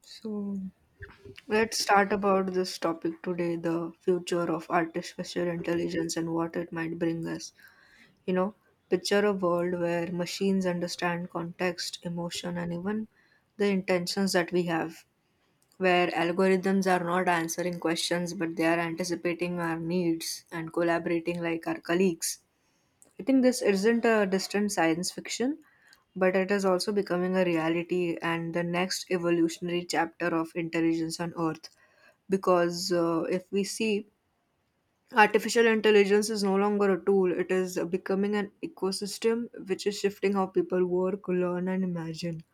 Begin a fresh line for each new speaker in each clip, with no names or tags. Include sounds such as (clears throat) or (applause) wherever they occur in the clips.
So let's start about this topic today, the future of artificial intelligence and what it might bring us. You know, picture a world where machines understand context, emotion, and even the intentions that we have, where algorithms are not answering questions but they are anticipating our needs and collaborating like our colleagues. I think this isn't a distant science fiction, but it is also becoming a reality and the next evolutionary chapter of intelligence on Earth. Because if we see, artificial intelligence is no longer a tool, it is becoming an ecosystem which is shifting how people work, learn, and imagine.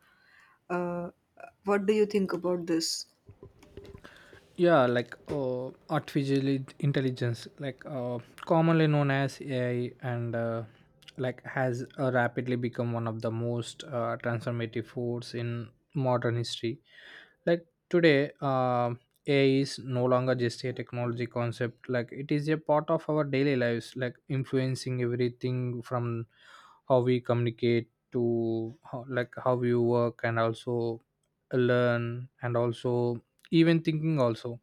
Uh, what do you think about this?
Artificial intelligence, commonly known as AI, and like has rapidly become one of the most transformative force in modern history. Today, AI is no longer just a technology concept. It is a part of our daily lives, influencing everything from how we communicate to how we work and also learn and also even thinking also.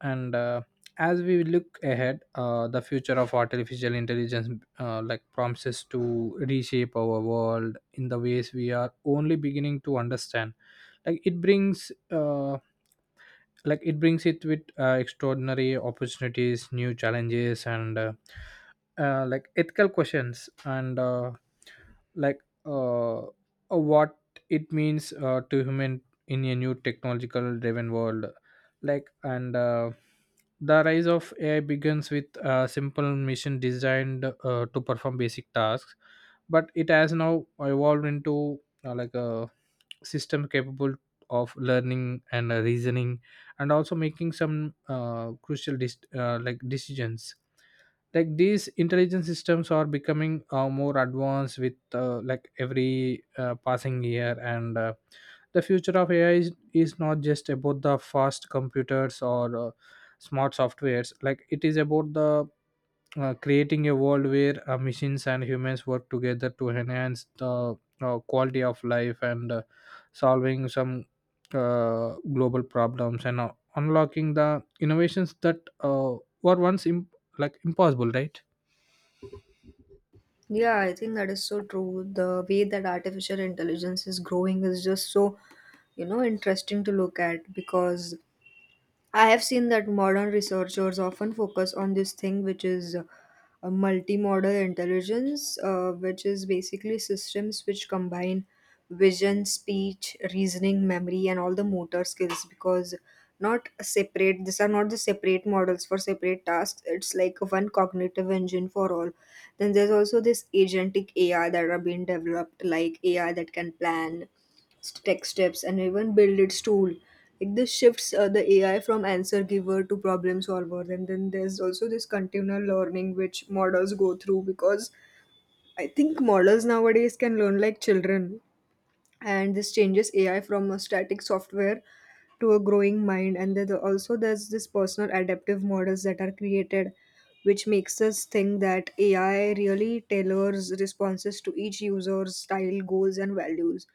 And As we look ahead, the future of artificial intelligence promises to reshape our world in the ways we are only beginning to understand. It brings like it brings it with extraordinary opportunities, new challenges, and ethical questions, and like what it means to human in a new technological driven world. Like and The rise of AI begins with a simple machine designed to perform basic tasks, but it has now evolved into a system capable of learning and reasoning and also making some crucial decisions. These intelligent systems are becoming more advanced with every passing year, and the future of AI is not just about the fast computers or smart softwares. It is about the creating a world where machines and humans work together to enhance the quality of life, and solving some global problems, and unlocking the innovations that were once impossible, right?
Yeah, I think that is so true. The way that artificial intelligence is growing is just so, you know, interesting to look at because I have seen that modern researchers often focus on this thing, which is a multimodal intelligence, which is basically systems which combine vision, speech, reasoning, memory, and all the motor skills. Because not a separate, these are not the separate models for separate tasks. It's like one cognitive engine for all. Then there's also this agentic AI that are being developed, like AI that can plan tech steps and even build its tool. Like this shifts the AI from answer giver to problem solver. And then there's also this continual learning which models go through because I think models nowadays can learn like children, and this changes ai from a static software to a growing mind. And then also there's this personal adaptive models that are created, which makes us think that ai really tailors responses to each user's style goals and values.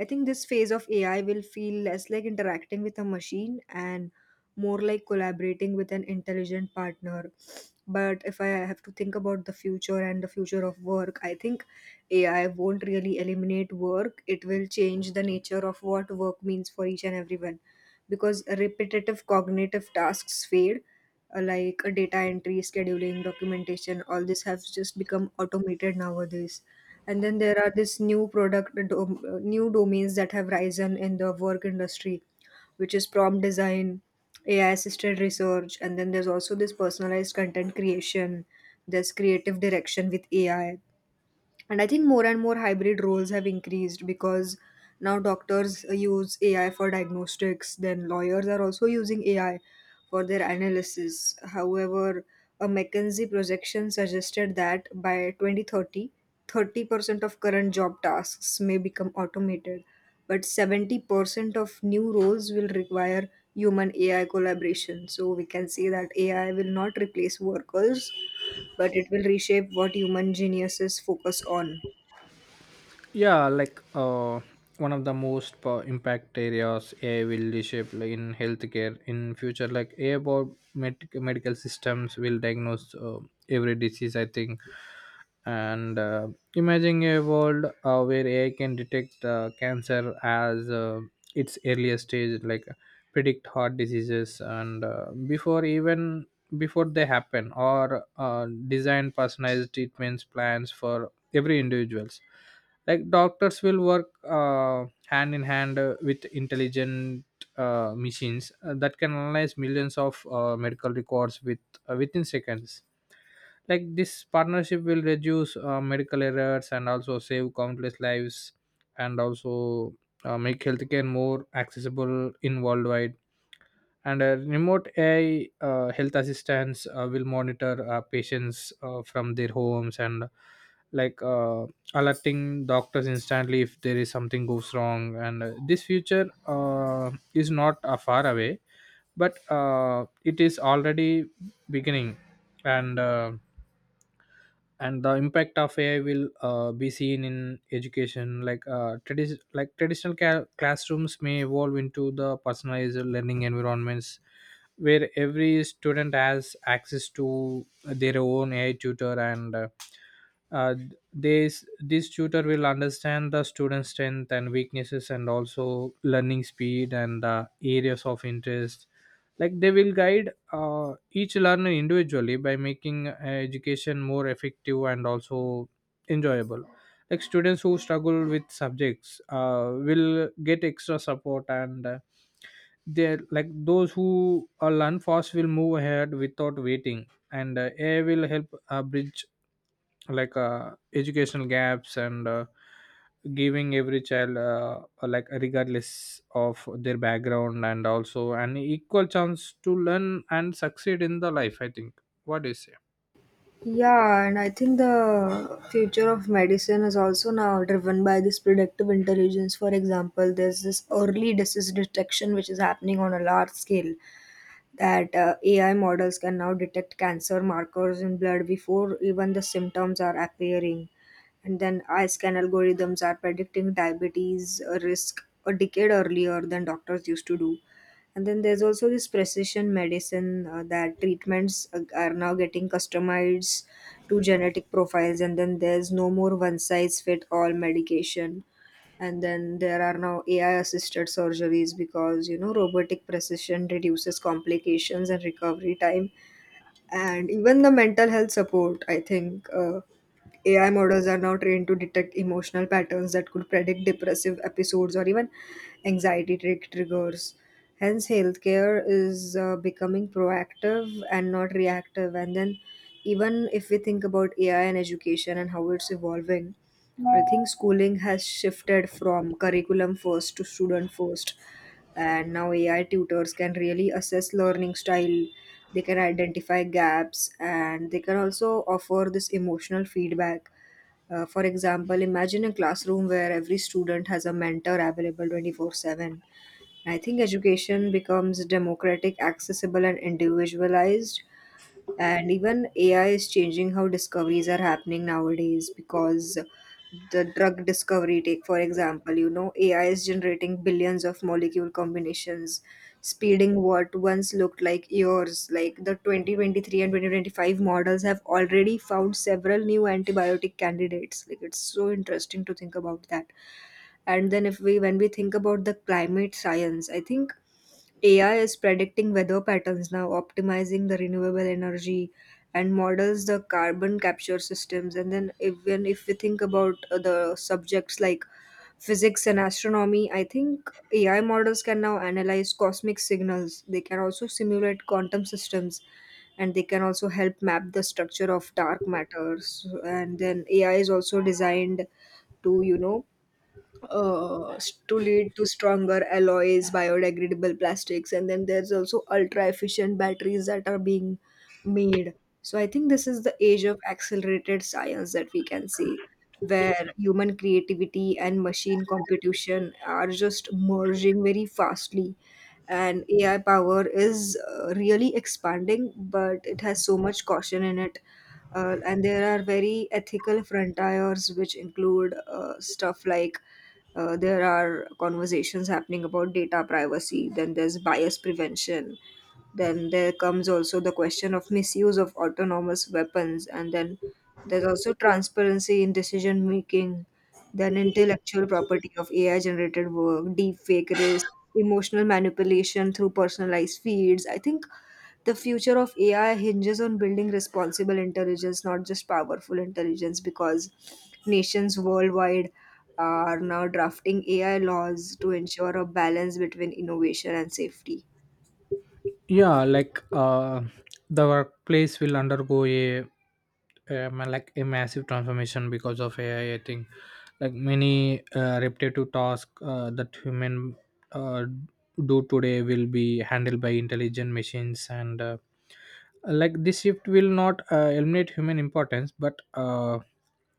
I think this phase of ai will feel less like interacting with a machine and more like collaborating with an intelligent partner. But if I have to think about the future and the future of work, I think AI won't really eliminate work, it will change the nature of what work means for each and everyone. Because repetitive cognitive tasks fade, like data entry, scheduling, documentation, all this has just become automated nowadays. And then there are this new domains that have risen in the work industry, which is prompt design, AI assisted research, and then there's also this personalized content creation, there's creative direction with AI. And I think more and more hybrid roles have increased because now doctors use AI for diagnostics, then lawyers are also using AI for their analysis. However, a McKinsey projection suggested that by 2030, 30% of current job tasks may become automated, but 70% of new roles will require human AI collaboration. So we can say that AI will not replace workers, but it will reshape what human geniuses focus on.
yeah like uh, One of the most impact areas AI will reshape, in healthcare in future, like AI medical systems will diagnose every disease, I think. And Imagine a world where AI can detect cancer as its earliest stage, predict heart diseases and before they happen, or design personalized treatments plans for every individuals. Doctors will work hand in hand with intelligent machines that can analyze millions of medical records within seconds. This partnership will reduce medical errors and also save countless lives and also make healthcare more accessible in worldwide. And a remote AI health assistants will monitor patients from their homes and, like uh, alerting doctors instantly if there is something goes wrong. And This future is not far away, but it is already beginning. And uh, and the impact of AI will be seen in education. Like traditional classrooms may evolve into the personalized learning environments where every student has access to their own AI tutor, and uh, uh, this this tutor will understand the student's strength and weaknesses and also learning speed and the areas of interest. They will guide each learner individually by making education more effective and also enjoyable. Students who struggle with subjects will get extra support, and they like those who learn fast will move ahead without waiting. And AI will help bridge educational gaps, and giving every child, regardless of their background, and also an equal chance to learn and succeed in the life, I think. What is it?
Yeah, and I think the future of medicine is also now driven by this predictive intelligence. For example, there's this early disease detection which is happening on a large scale, that AI models can now detect cancer markers in blood before even the symptoms are appearing. And then eye scan algorithms are predicting diabetes risk a decade earlier than doctors used to do. And then there's also this precision medicine that treatments are now getting customized to genetic profiles, and then there's no more one size fit all medication. And then there are now ai assisted surgeries because, you know, robotic precision reduces complications and recovery time. And even the mental health support, I think ai models are now trained to detect emotional patterns that could predict depressive episodes or even anxiety trick triggers. Hence healthcare is becoming proactive and not reactive. And then, even if we think about ai and education and how it's evolving, I think schooling has shifted from curriculum first to student first, and now AI tutors can really assess learning style. They can identify gaps and they can also offer this emotional feedback. For example, imagine a classroom where every student has a mentor available 24/7. I think education becomes democratic, accessible, and individualized. And even AI is changing how discoveries are happening nowadays, because the drug discovery, take for example, you know, AI is generating billions of molecule combinations, speeding what once looked like years. Like the 2023 and 2025 models have already found several new antibiotic candidates. Like it's so interesting to think about that. And then, if we when we think about the climate science, I think AI is predicting weather patterns now, optimizing the renewable energy and models the carbon capture systems. And then, even if we think about the subjects like physics and astronomy, I think AI models can now analyze cosmic signals. They can also simulate quantum systems and they can also help map the structure of dark matters. And then, AI is also designed to, uh, to lead to stronger alloys, biodegradable plastics, and then there's also ultra efficient batteries that are being made. So I think this is the age of accelerated science that we can see, where human creativity and machine competition are just merging very fastly. And AI power is really expanding, but it has so much caution in it. And there are very ethical frontiers, which include stuff like there are conversations happening about data privacy, then there's bias prevention, then there comes also the question of misuse of autonomous weapons, and then there's also transparency in decision making, then intellectual property of AI generated work, deep fake risk, emotional manipulation through personalized feeds. I think the future of AI hinges on building responsible intelligence, not just powerful intelligence, because nations worldwide are now drafting AI laws to ensure a balance between innovation and safety.
yeah like uh the workplace will undergo a, a massive transformation because of AI, I think. Many repetitive tasks that human uh, do today will be handled by intelligent machines, and this shift will not eliminate human importance, but uh,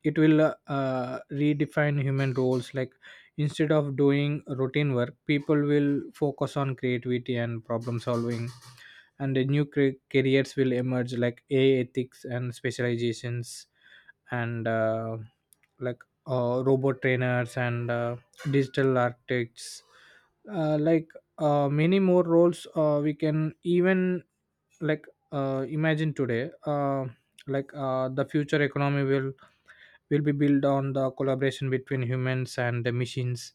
it will uh, uh, redefine human roles. Instead of doing routine work, people will focus on creativity and problem solving, and the new careers will emerge, like AI ethics and specializations, and robot trainers, and digital architects, like many more roles we can even, like imagine today. The future economy will be built on the collaboration between humans and the machines,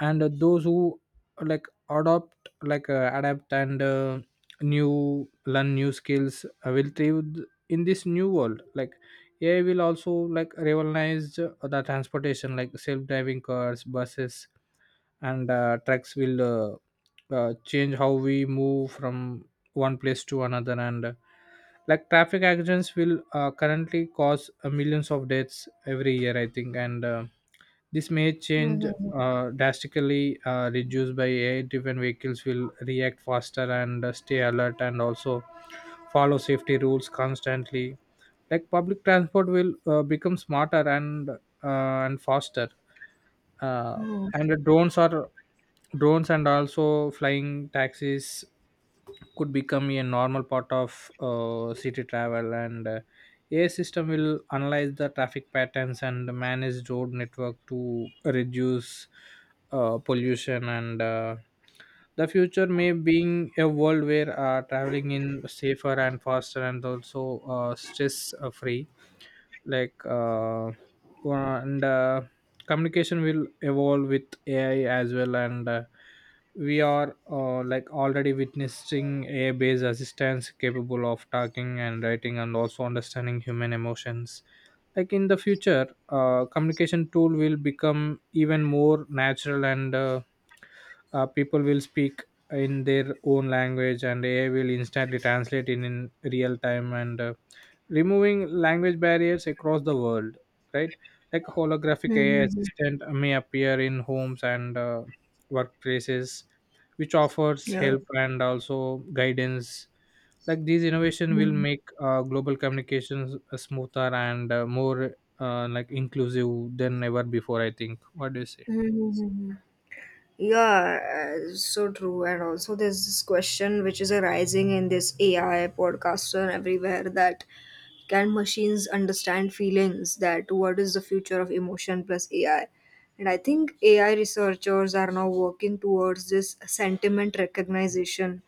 and those who like adopt like adapt and new learn new skills will thrive in this new world. AI will also revolutionize the transportation. Self-driving cars, buses, and trucks will change how we move from one place to another, and traffic accidents will currently cause millions of deaths every year, I think, and this may change
Hmm.
drastically. Reduced by AI driven vehicles will react faster and stay alert and also follow safety rules constantly. Public transport will become smarter and and faster, uh,
Mhm.
and the drones are, drones and also flying taxis could become a normal part of city travel, and AI system will analyze the traffic patterns and manage road network to reduce pollution, and the future may being a world where traveling in safer and faster and also stress free. Like and Communication will evolve with AI as well, and we are already witnessing AI-based assistants capable of talking and writing, and also understanding human emotions. Like in the future, communication tool will become even more natural, and people will speak in their own language, and AI will instantly translate in real time and removing language barriers across the world, right? Holographic AI assistant may appear in homes and workplaces which offers
Yeah.
help and also guidance. These innovation will
Mhm.
make global communications smoother and more inclusive than ever before, I think. What do you say?
Mhm. Yeah, so true. And also, there's this question which is arising in this AI podcaster everywhere that, can machines understand feelings? That what is the future of emotion plus AI? And I think AI researchers are now working towards this sentiment recognition.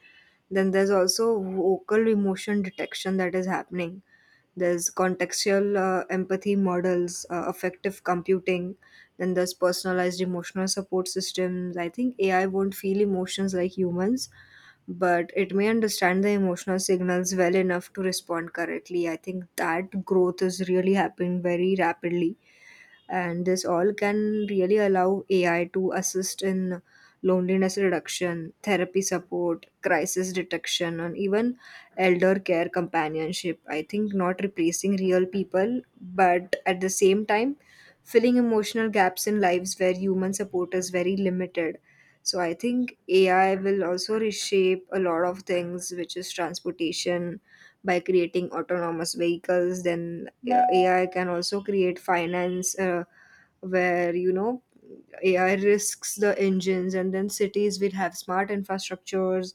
Then there's also vocal emotion detection that is happening, there's contextual empathy models, effective computing, then there's personalized emotional support systems. I think ai won't feel emotions like humans, but it may understand the emotional signals well enough to respond correctly. I think that growth is really happening very rapidly, and this all can really allow AI to assist in loneliness reduction, therapy support, crisis detection, and even elder care companionship. I think not replacing real people, but at the same time, filling emotional gaps in lives where human support is very limited. So I think AI will also reshape a lot of things, which is transportation, by creating autonomous vehicles. Then yeah, ai can also create finance, where AI risks the engines, and then cities will have smart infrastructures.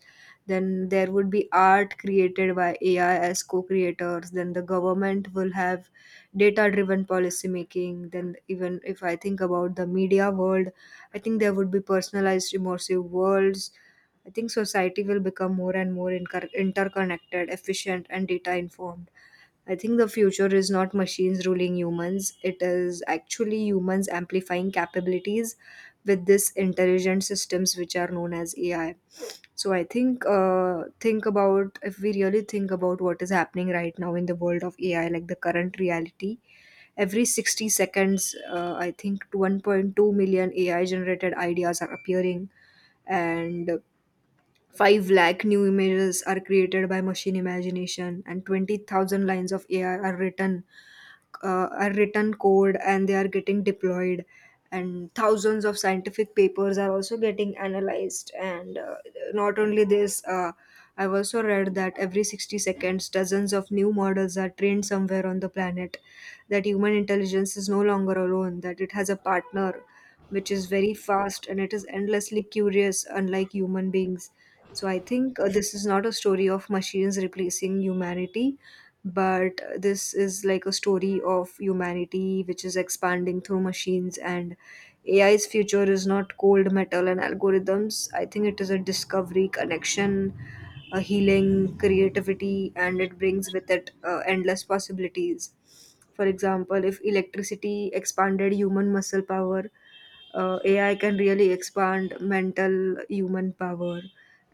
Then there would be art created by AI as co creators. Then the government will have data driven policy making. Then, even if I think about the media world, I think there would be personalized immersive worlds. I think society will become more and more interconnected, efficient, and data informed. I think the future is not machines ruling humans, it is actually humans amplifying capabilities with this intelligent systems which are known as AI. So I think about, if we really think about what is happening right now in the world of AI, like the current reality, every 60 seconds, I think 1.2 million AI generated ideas are appearing, and 5 lakh new images are created by machine imagination, and 20,000 lines of ai are written code and they are getting deployed, and thousands of scientific papers are also getting analyzed. And not only this, I've also read that every 60 seconds dozens of new models are trained somewhere on the planet. That human intelligence is no longer alone, that it has a partner which is very fast and it is endlessly curious unlike human beings. So I think this is not a story of machines replacing humanity, but this is like a story of humanity which is expanding through machines. And AI's future is not cold metal and algorithms. I think it is a discovery, connection, a healing, creativity, and it brings with it endless possibilities. For example, if electricity expanded human muscle power, AI can really expand mental human power,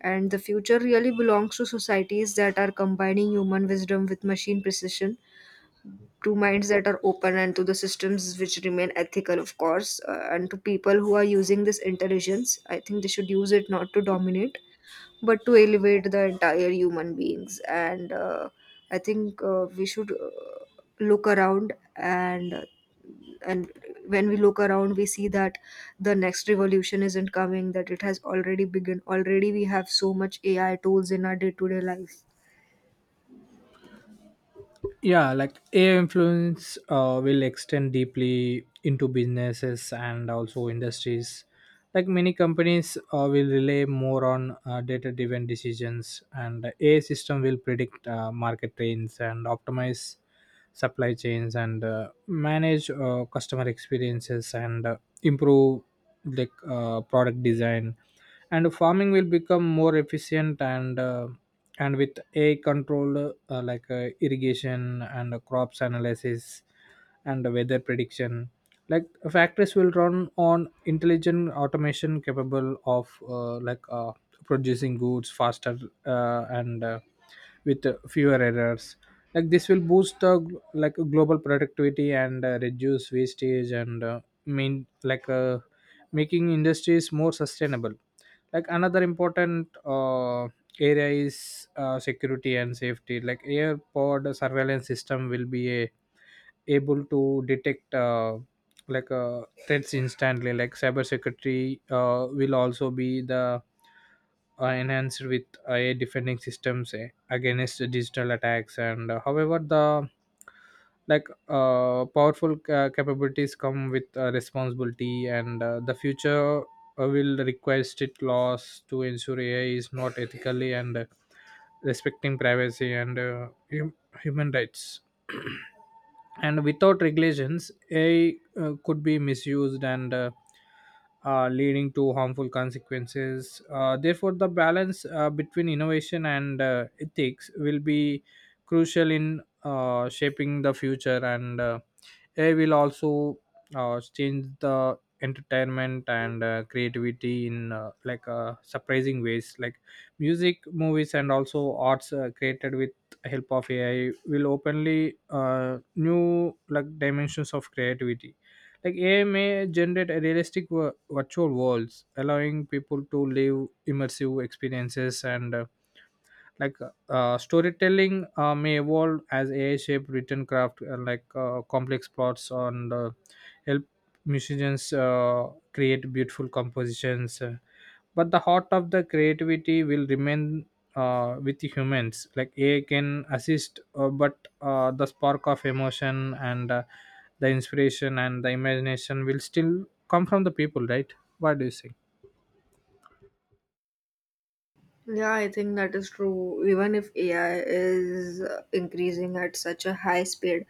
and the future really belongs to societies that are combining human wisdom with machine precision, to minds that are open, and to the systems which remain ethical, of course, and to people who are using this intelligence. I think they should use it not to dominate, but to elevate the entire human beings, and I think we should look around, and when we look around we see that the next revolution isn't coming, that it has already begun. Already we have so much AI tools in our day to day life.
AI influence will extend deeply into businesses and also industries. Many companies will rely more on data driven decisions, and AI system will predict market trends and optimize supply chains, and manage customer experiences, and improve product design. And farming will become more efficient, and with a controlled irrigation, and crops analysis, and weather prediction. like Factories will run on intelligent automation capable of producing goods faster and with fewer errors. This will boost the global productivity and reduce wastage, and mean like making industries more sustainable. Another important area is security and safety. Air pod surveillance system will be able to detect threats instantly. Cyber security will also be the enhanced with AI defending systems against digital attacks. And However, the powerful capabilities come with responsibility, and the future will require strict laws to ensure AI is not ethically and respecting privacy and human rights. (clears throat) And without regulations, AI could be misused and leading to harmful consequences. Therefore, the balance between innovation and ethics will be crucial in shaping the future, and AI will also change the entertainment and creativity in surprising ways. Music, movies, and also arts created with help of AI will openly new dimensions of creativity. AI may generate a realistic wo virtual worlds, allowing people to live immersive experiences, and like storytelling may evolve as AI shaped written craft, complex plots, and help musicians create beautiful compositions. But the heart of the creativity will remain with humans. Like AI can assist, but the spark of emotion and the inspiration and the imagination will still come from the people, right? What do you say?
Yeah, I think that is true. Even if AI is increasing at such a high speed,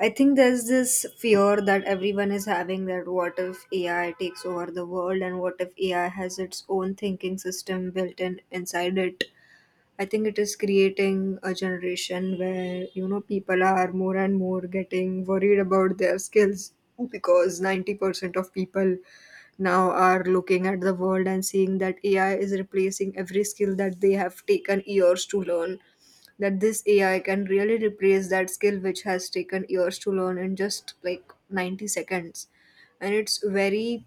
I think there's this fear that everyone is having, that what if AI takes over the world, and what if AI has its own thinking system built in inside it. I think it is creating a generation where, you know, people are more and more getting worried about their skills, because 90% of people now are looking at the world and seeing that AI is replacing every skill that they have taken years to learn. That this AI can really replace that skill which has taken years to learn in just like 90 seconds. And it's very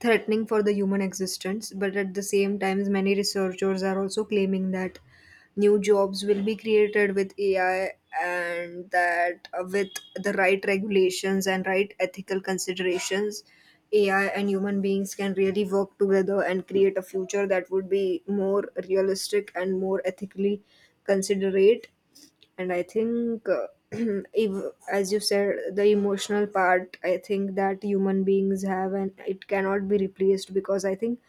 threatening for the human existence, but at the same time, many researchers are also claiming that new jobs will be created with AI, and that, with the right regulations and right ethical considerations, AI and human beings can really work together and create a future that would be more realistic and more ethically considerate. And I think, (clears throat) if, as you said, the emotional part I think that human beings have, and it cannot be replaced, because I think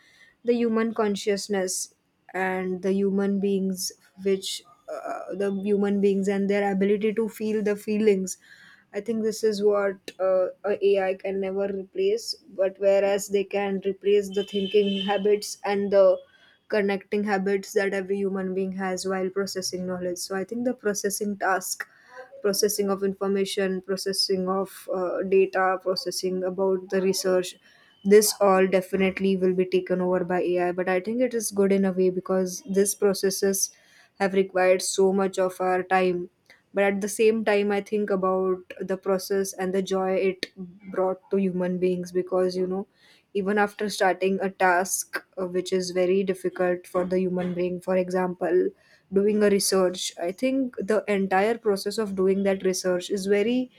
the human consciousness and which the human beings and their ability to feel the feelings, I think this is what a AI can never replace, but whereas they can replace the thinking habits and the connecting habits that every human being has while processing knowledge. So I think the processing task, processing of information, processing of data, processing about the research, this all definitely will be taken over by AI. But I think it is good in a way, because these processes have required so much of our time, but at the same time I think about the process and the joy it brought to human beings, because you know, even after starting a task, which is very difficult for the human being, for example doing a research, I think the entire process of doing that research is very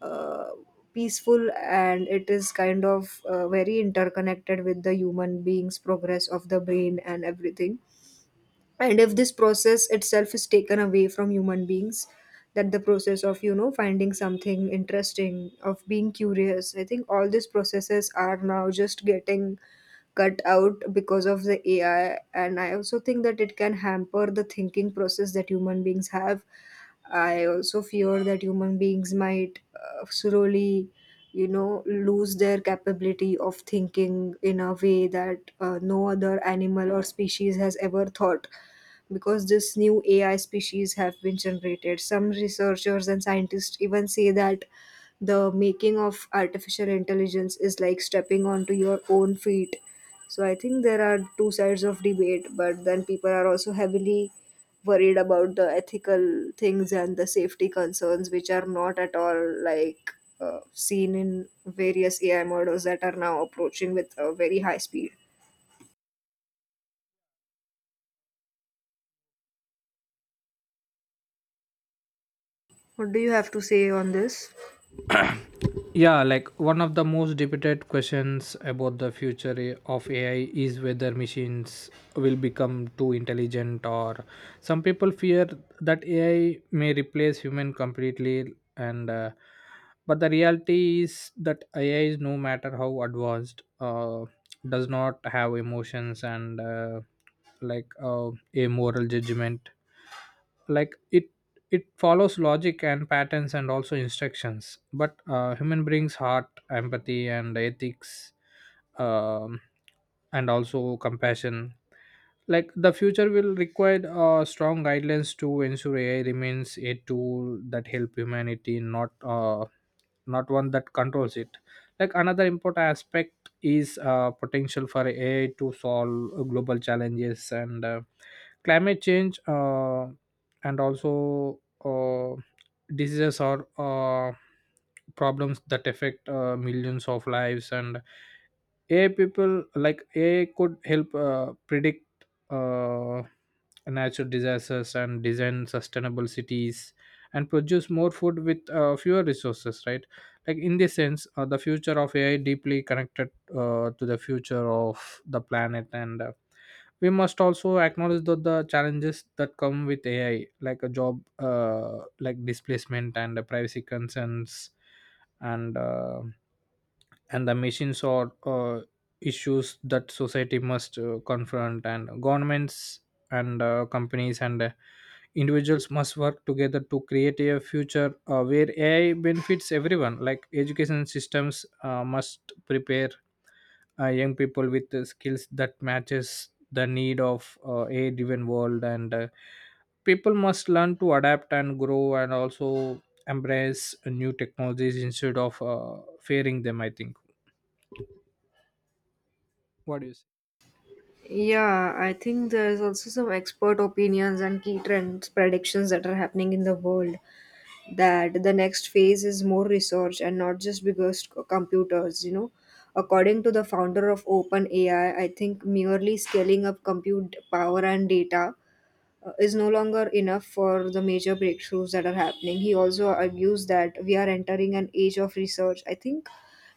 uh, peaceful, and it is kind of very interconnected with the human beings progress of the brain and everything. And if this process itself is taken away from human beings, that the process of, you know, finding something interesting, of being curious, I think all these processes are now just getting cut out because of the AI. And I also think that it can hamper the thinking process that human beings have. I also fear that human beings might slowly, you know, lose their capability of thinking in a way that no other animal or species has ever thought, because this new AI species have been generated. Some researchers and scientists even say that the making of artificial intelligence is like stepping onto your own feet. So I think there are two sides of debate, but then people are also heavily worried about the ethical things and the safety concerns, which are not at all like seen in various AI models that are now approaching with a very high speed. What do you have to say on this?
One of the most debated questions about the future of AI is whether machines will become too intelligent, or some people fear that AI may replace human completely. And but the reality is that AI is, no matter how advanced, does not have emotions and a moral judgment. Like it it follows logic and patterns and also instructions, but human brings heart, empathy, and ethics, um, and also compassion. The future will require strong guidelines to ensure AI remains a tool that help humanity, not one that controls it. Another important aspect is potential for AI to solve global challenges, and climate change and also diseases are problems that affect millions of lives, and AI people like AI could help predict uh, natural disasters and design sustainable cities and produce more food with fewer resources, right? In this sense, the future of AI deeply connected to the future of the planet, and we must also acknowledge that the challenges that come with AI, like a job, displacement and the privacy concerns and uh, and the machines are issues that society must confront, and governments and companies and individuals must work together to create a future where AI benefits everyone. Education systems must prepare young people with the skills that matches the need of a driven world, and people must learn to adapt and grow and also embrace new technologies instead of fearing them, I think. What do you say?
Yeah, I think there's also some expert opinions and key trends predictions that are happening in the world, that the next phase is more research and not just biggest computers, you know. According to the founder of OpenAI, I think merely scaling up compute power and data is no longer enough for the major breakthroughs that are happening. He also argues that we are entering an age of research. I think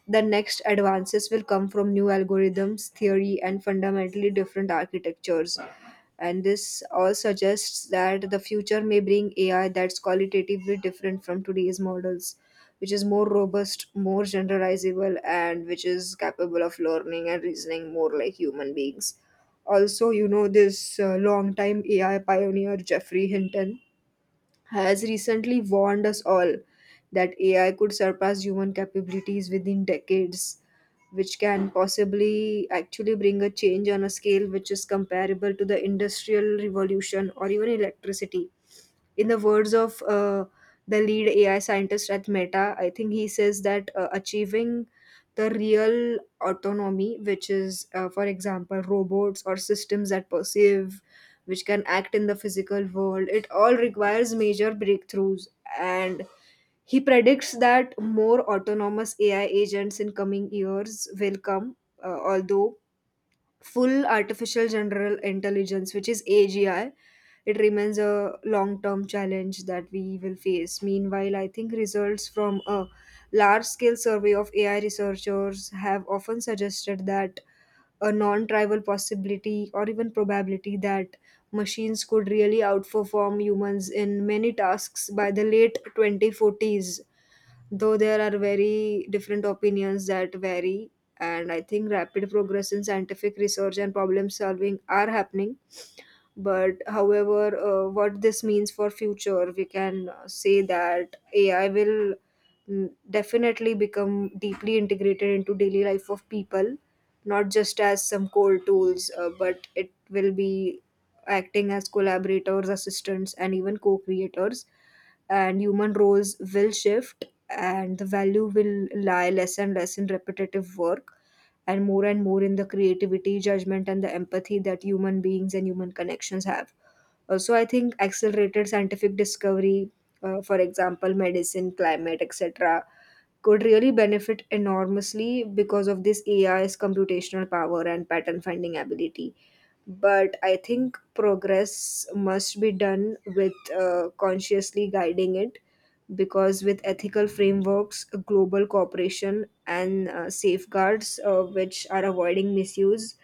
the next advances will come from new algorithms, theory, and fundamentally different architectures. And this all suggests that the future may bring AI that's qualitatively different from today's models, which is more robust, more generalizable, and which is capable of learning and reasoning more like human beings. Also, you know, this long time AI pioneer Jeffrey Hinton has recently warned us all that AI could surpass human capabilities within decades, which can possibly actually bring a change on a scale which is comparable to the Industrial Revolution or even electricity. In the words of, the lead AI scientist at Meta, I think he says that, achieving the real autonomy, which is, for example, robots or systems that perceive, which can act in the physical world, it all requires major breakthroughs. And he predicts that more autonomous AI agents in coming years will come, although full artificial general intelligence, which is AGI, it remains a long term challenge that we will face. Meanwhile, I think results from a large scale survey of AI researchers have often suggested that a non trivial possibility or even probability that machines could really outperform humans in many tasks by the late 2040s, though there are very different opinions that vary. And I think rapid progress in scientific research and problem solving are happening. But however, what this means for future, we can say that AI will definitely become deeply integrated into daily life of people, not just as some core tools, but it will be acting as collaborators, assistants, and even co-creators. And human roles will shift, and the value will lie less and less in repetitive work, and more in the creativity, judgment, and the empathy that human beings and human connections have. Also, I think accelerated scientific discovery, for example, medicine, climate, etc., could really benefit enormously because of this AI's computational power and pattern finding ability. But I think progress must be done with, consciously guiding it, because with ethical frameworks, global cooperation, and safeguards, which are avoiding misuse,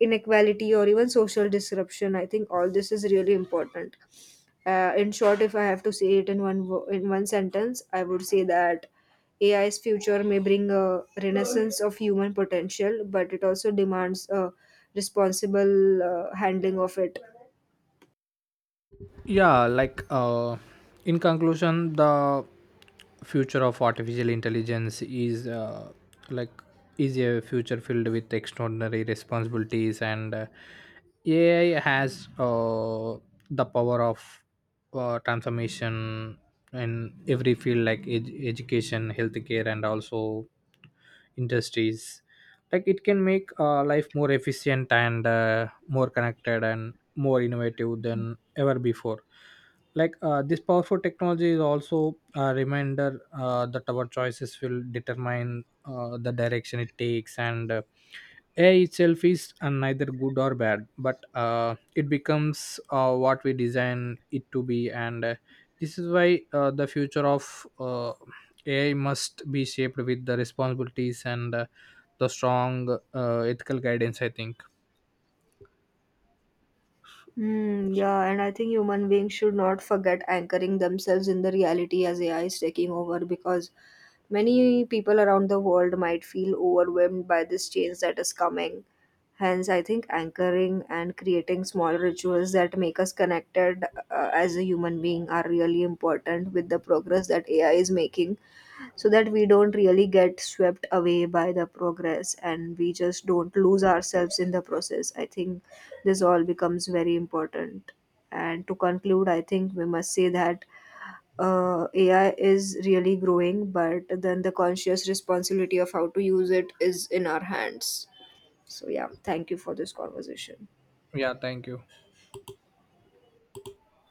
inequality, or even social disruption, I think all this is really important. In short, if I have to say it in one in one sentence, I would say that AI's future may bring a renaissance of human potential, but it also demands a responsible handling of it.
yeah like uh, in conclusion, the future of artificial intelligence is, like is a future filled with extraordinary responsibilities, and AI has the power of transformation in every field, like education, healthcare, and also industries. It can make life more efficient and more connected and more innovative than ever before. This powerful technology is also a reminder that our choices will determine the direction it takes, and AI itself is neither good or bad, but it becomes what we design it to be, and this is why the future of AI must be shaped with the responsibilities and the strong ethical guidance, I think.
Hmm, yeah, and I think human beings should not forget anchoring themselves in the reality as AI is taking over, because many people around the world might feel overwhelmed by this change that is coming. Hence, I think anchoring and creating small rituals that make us connected, as a human being, are really important with the progress that AI is making, so that we don't really get swept away by the progress and we just don't lose ourselves in the process. I think this all becomes very important. And to conclude, I think we must say that, AI is really growing, but then the conscious responsibility of how to use it is in our hands. So, yeah, thank you for this conversation.
Yeah, thank you.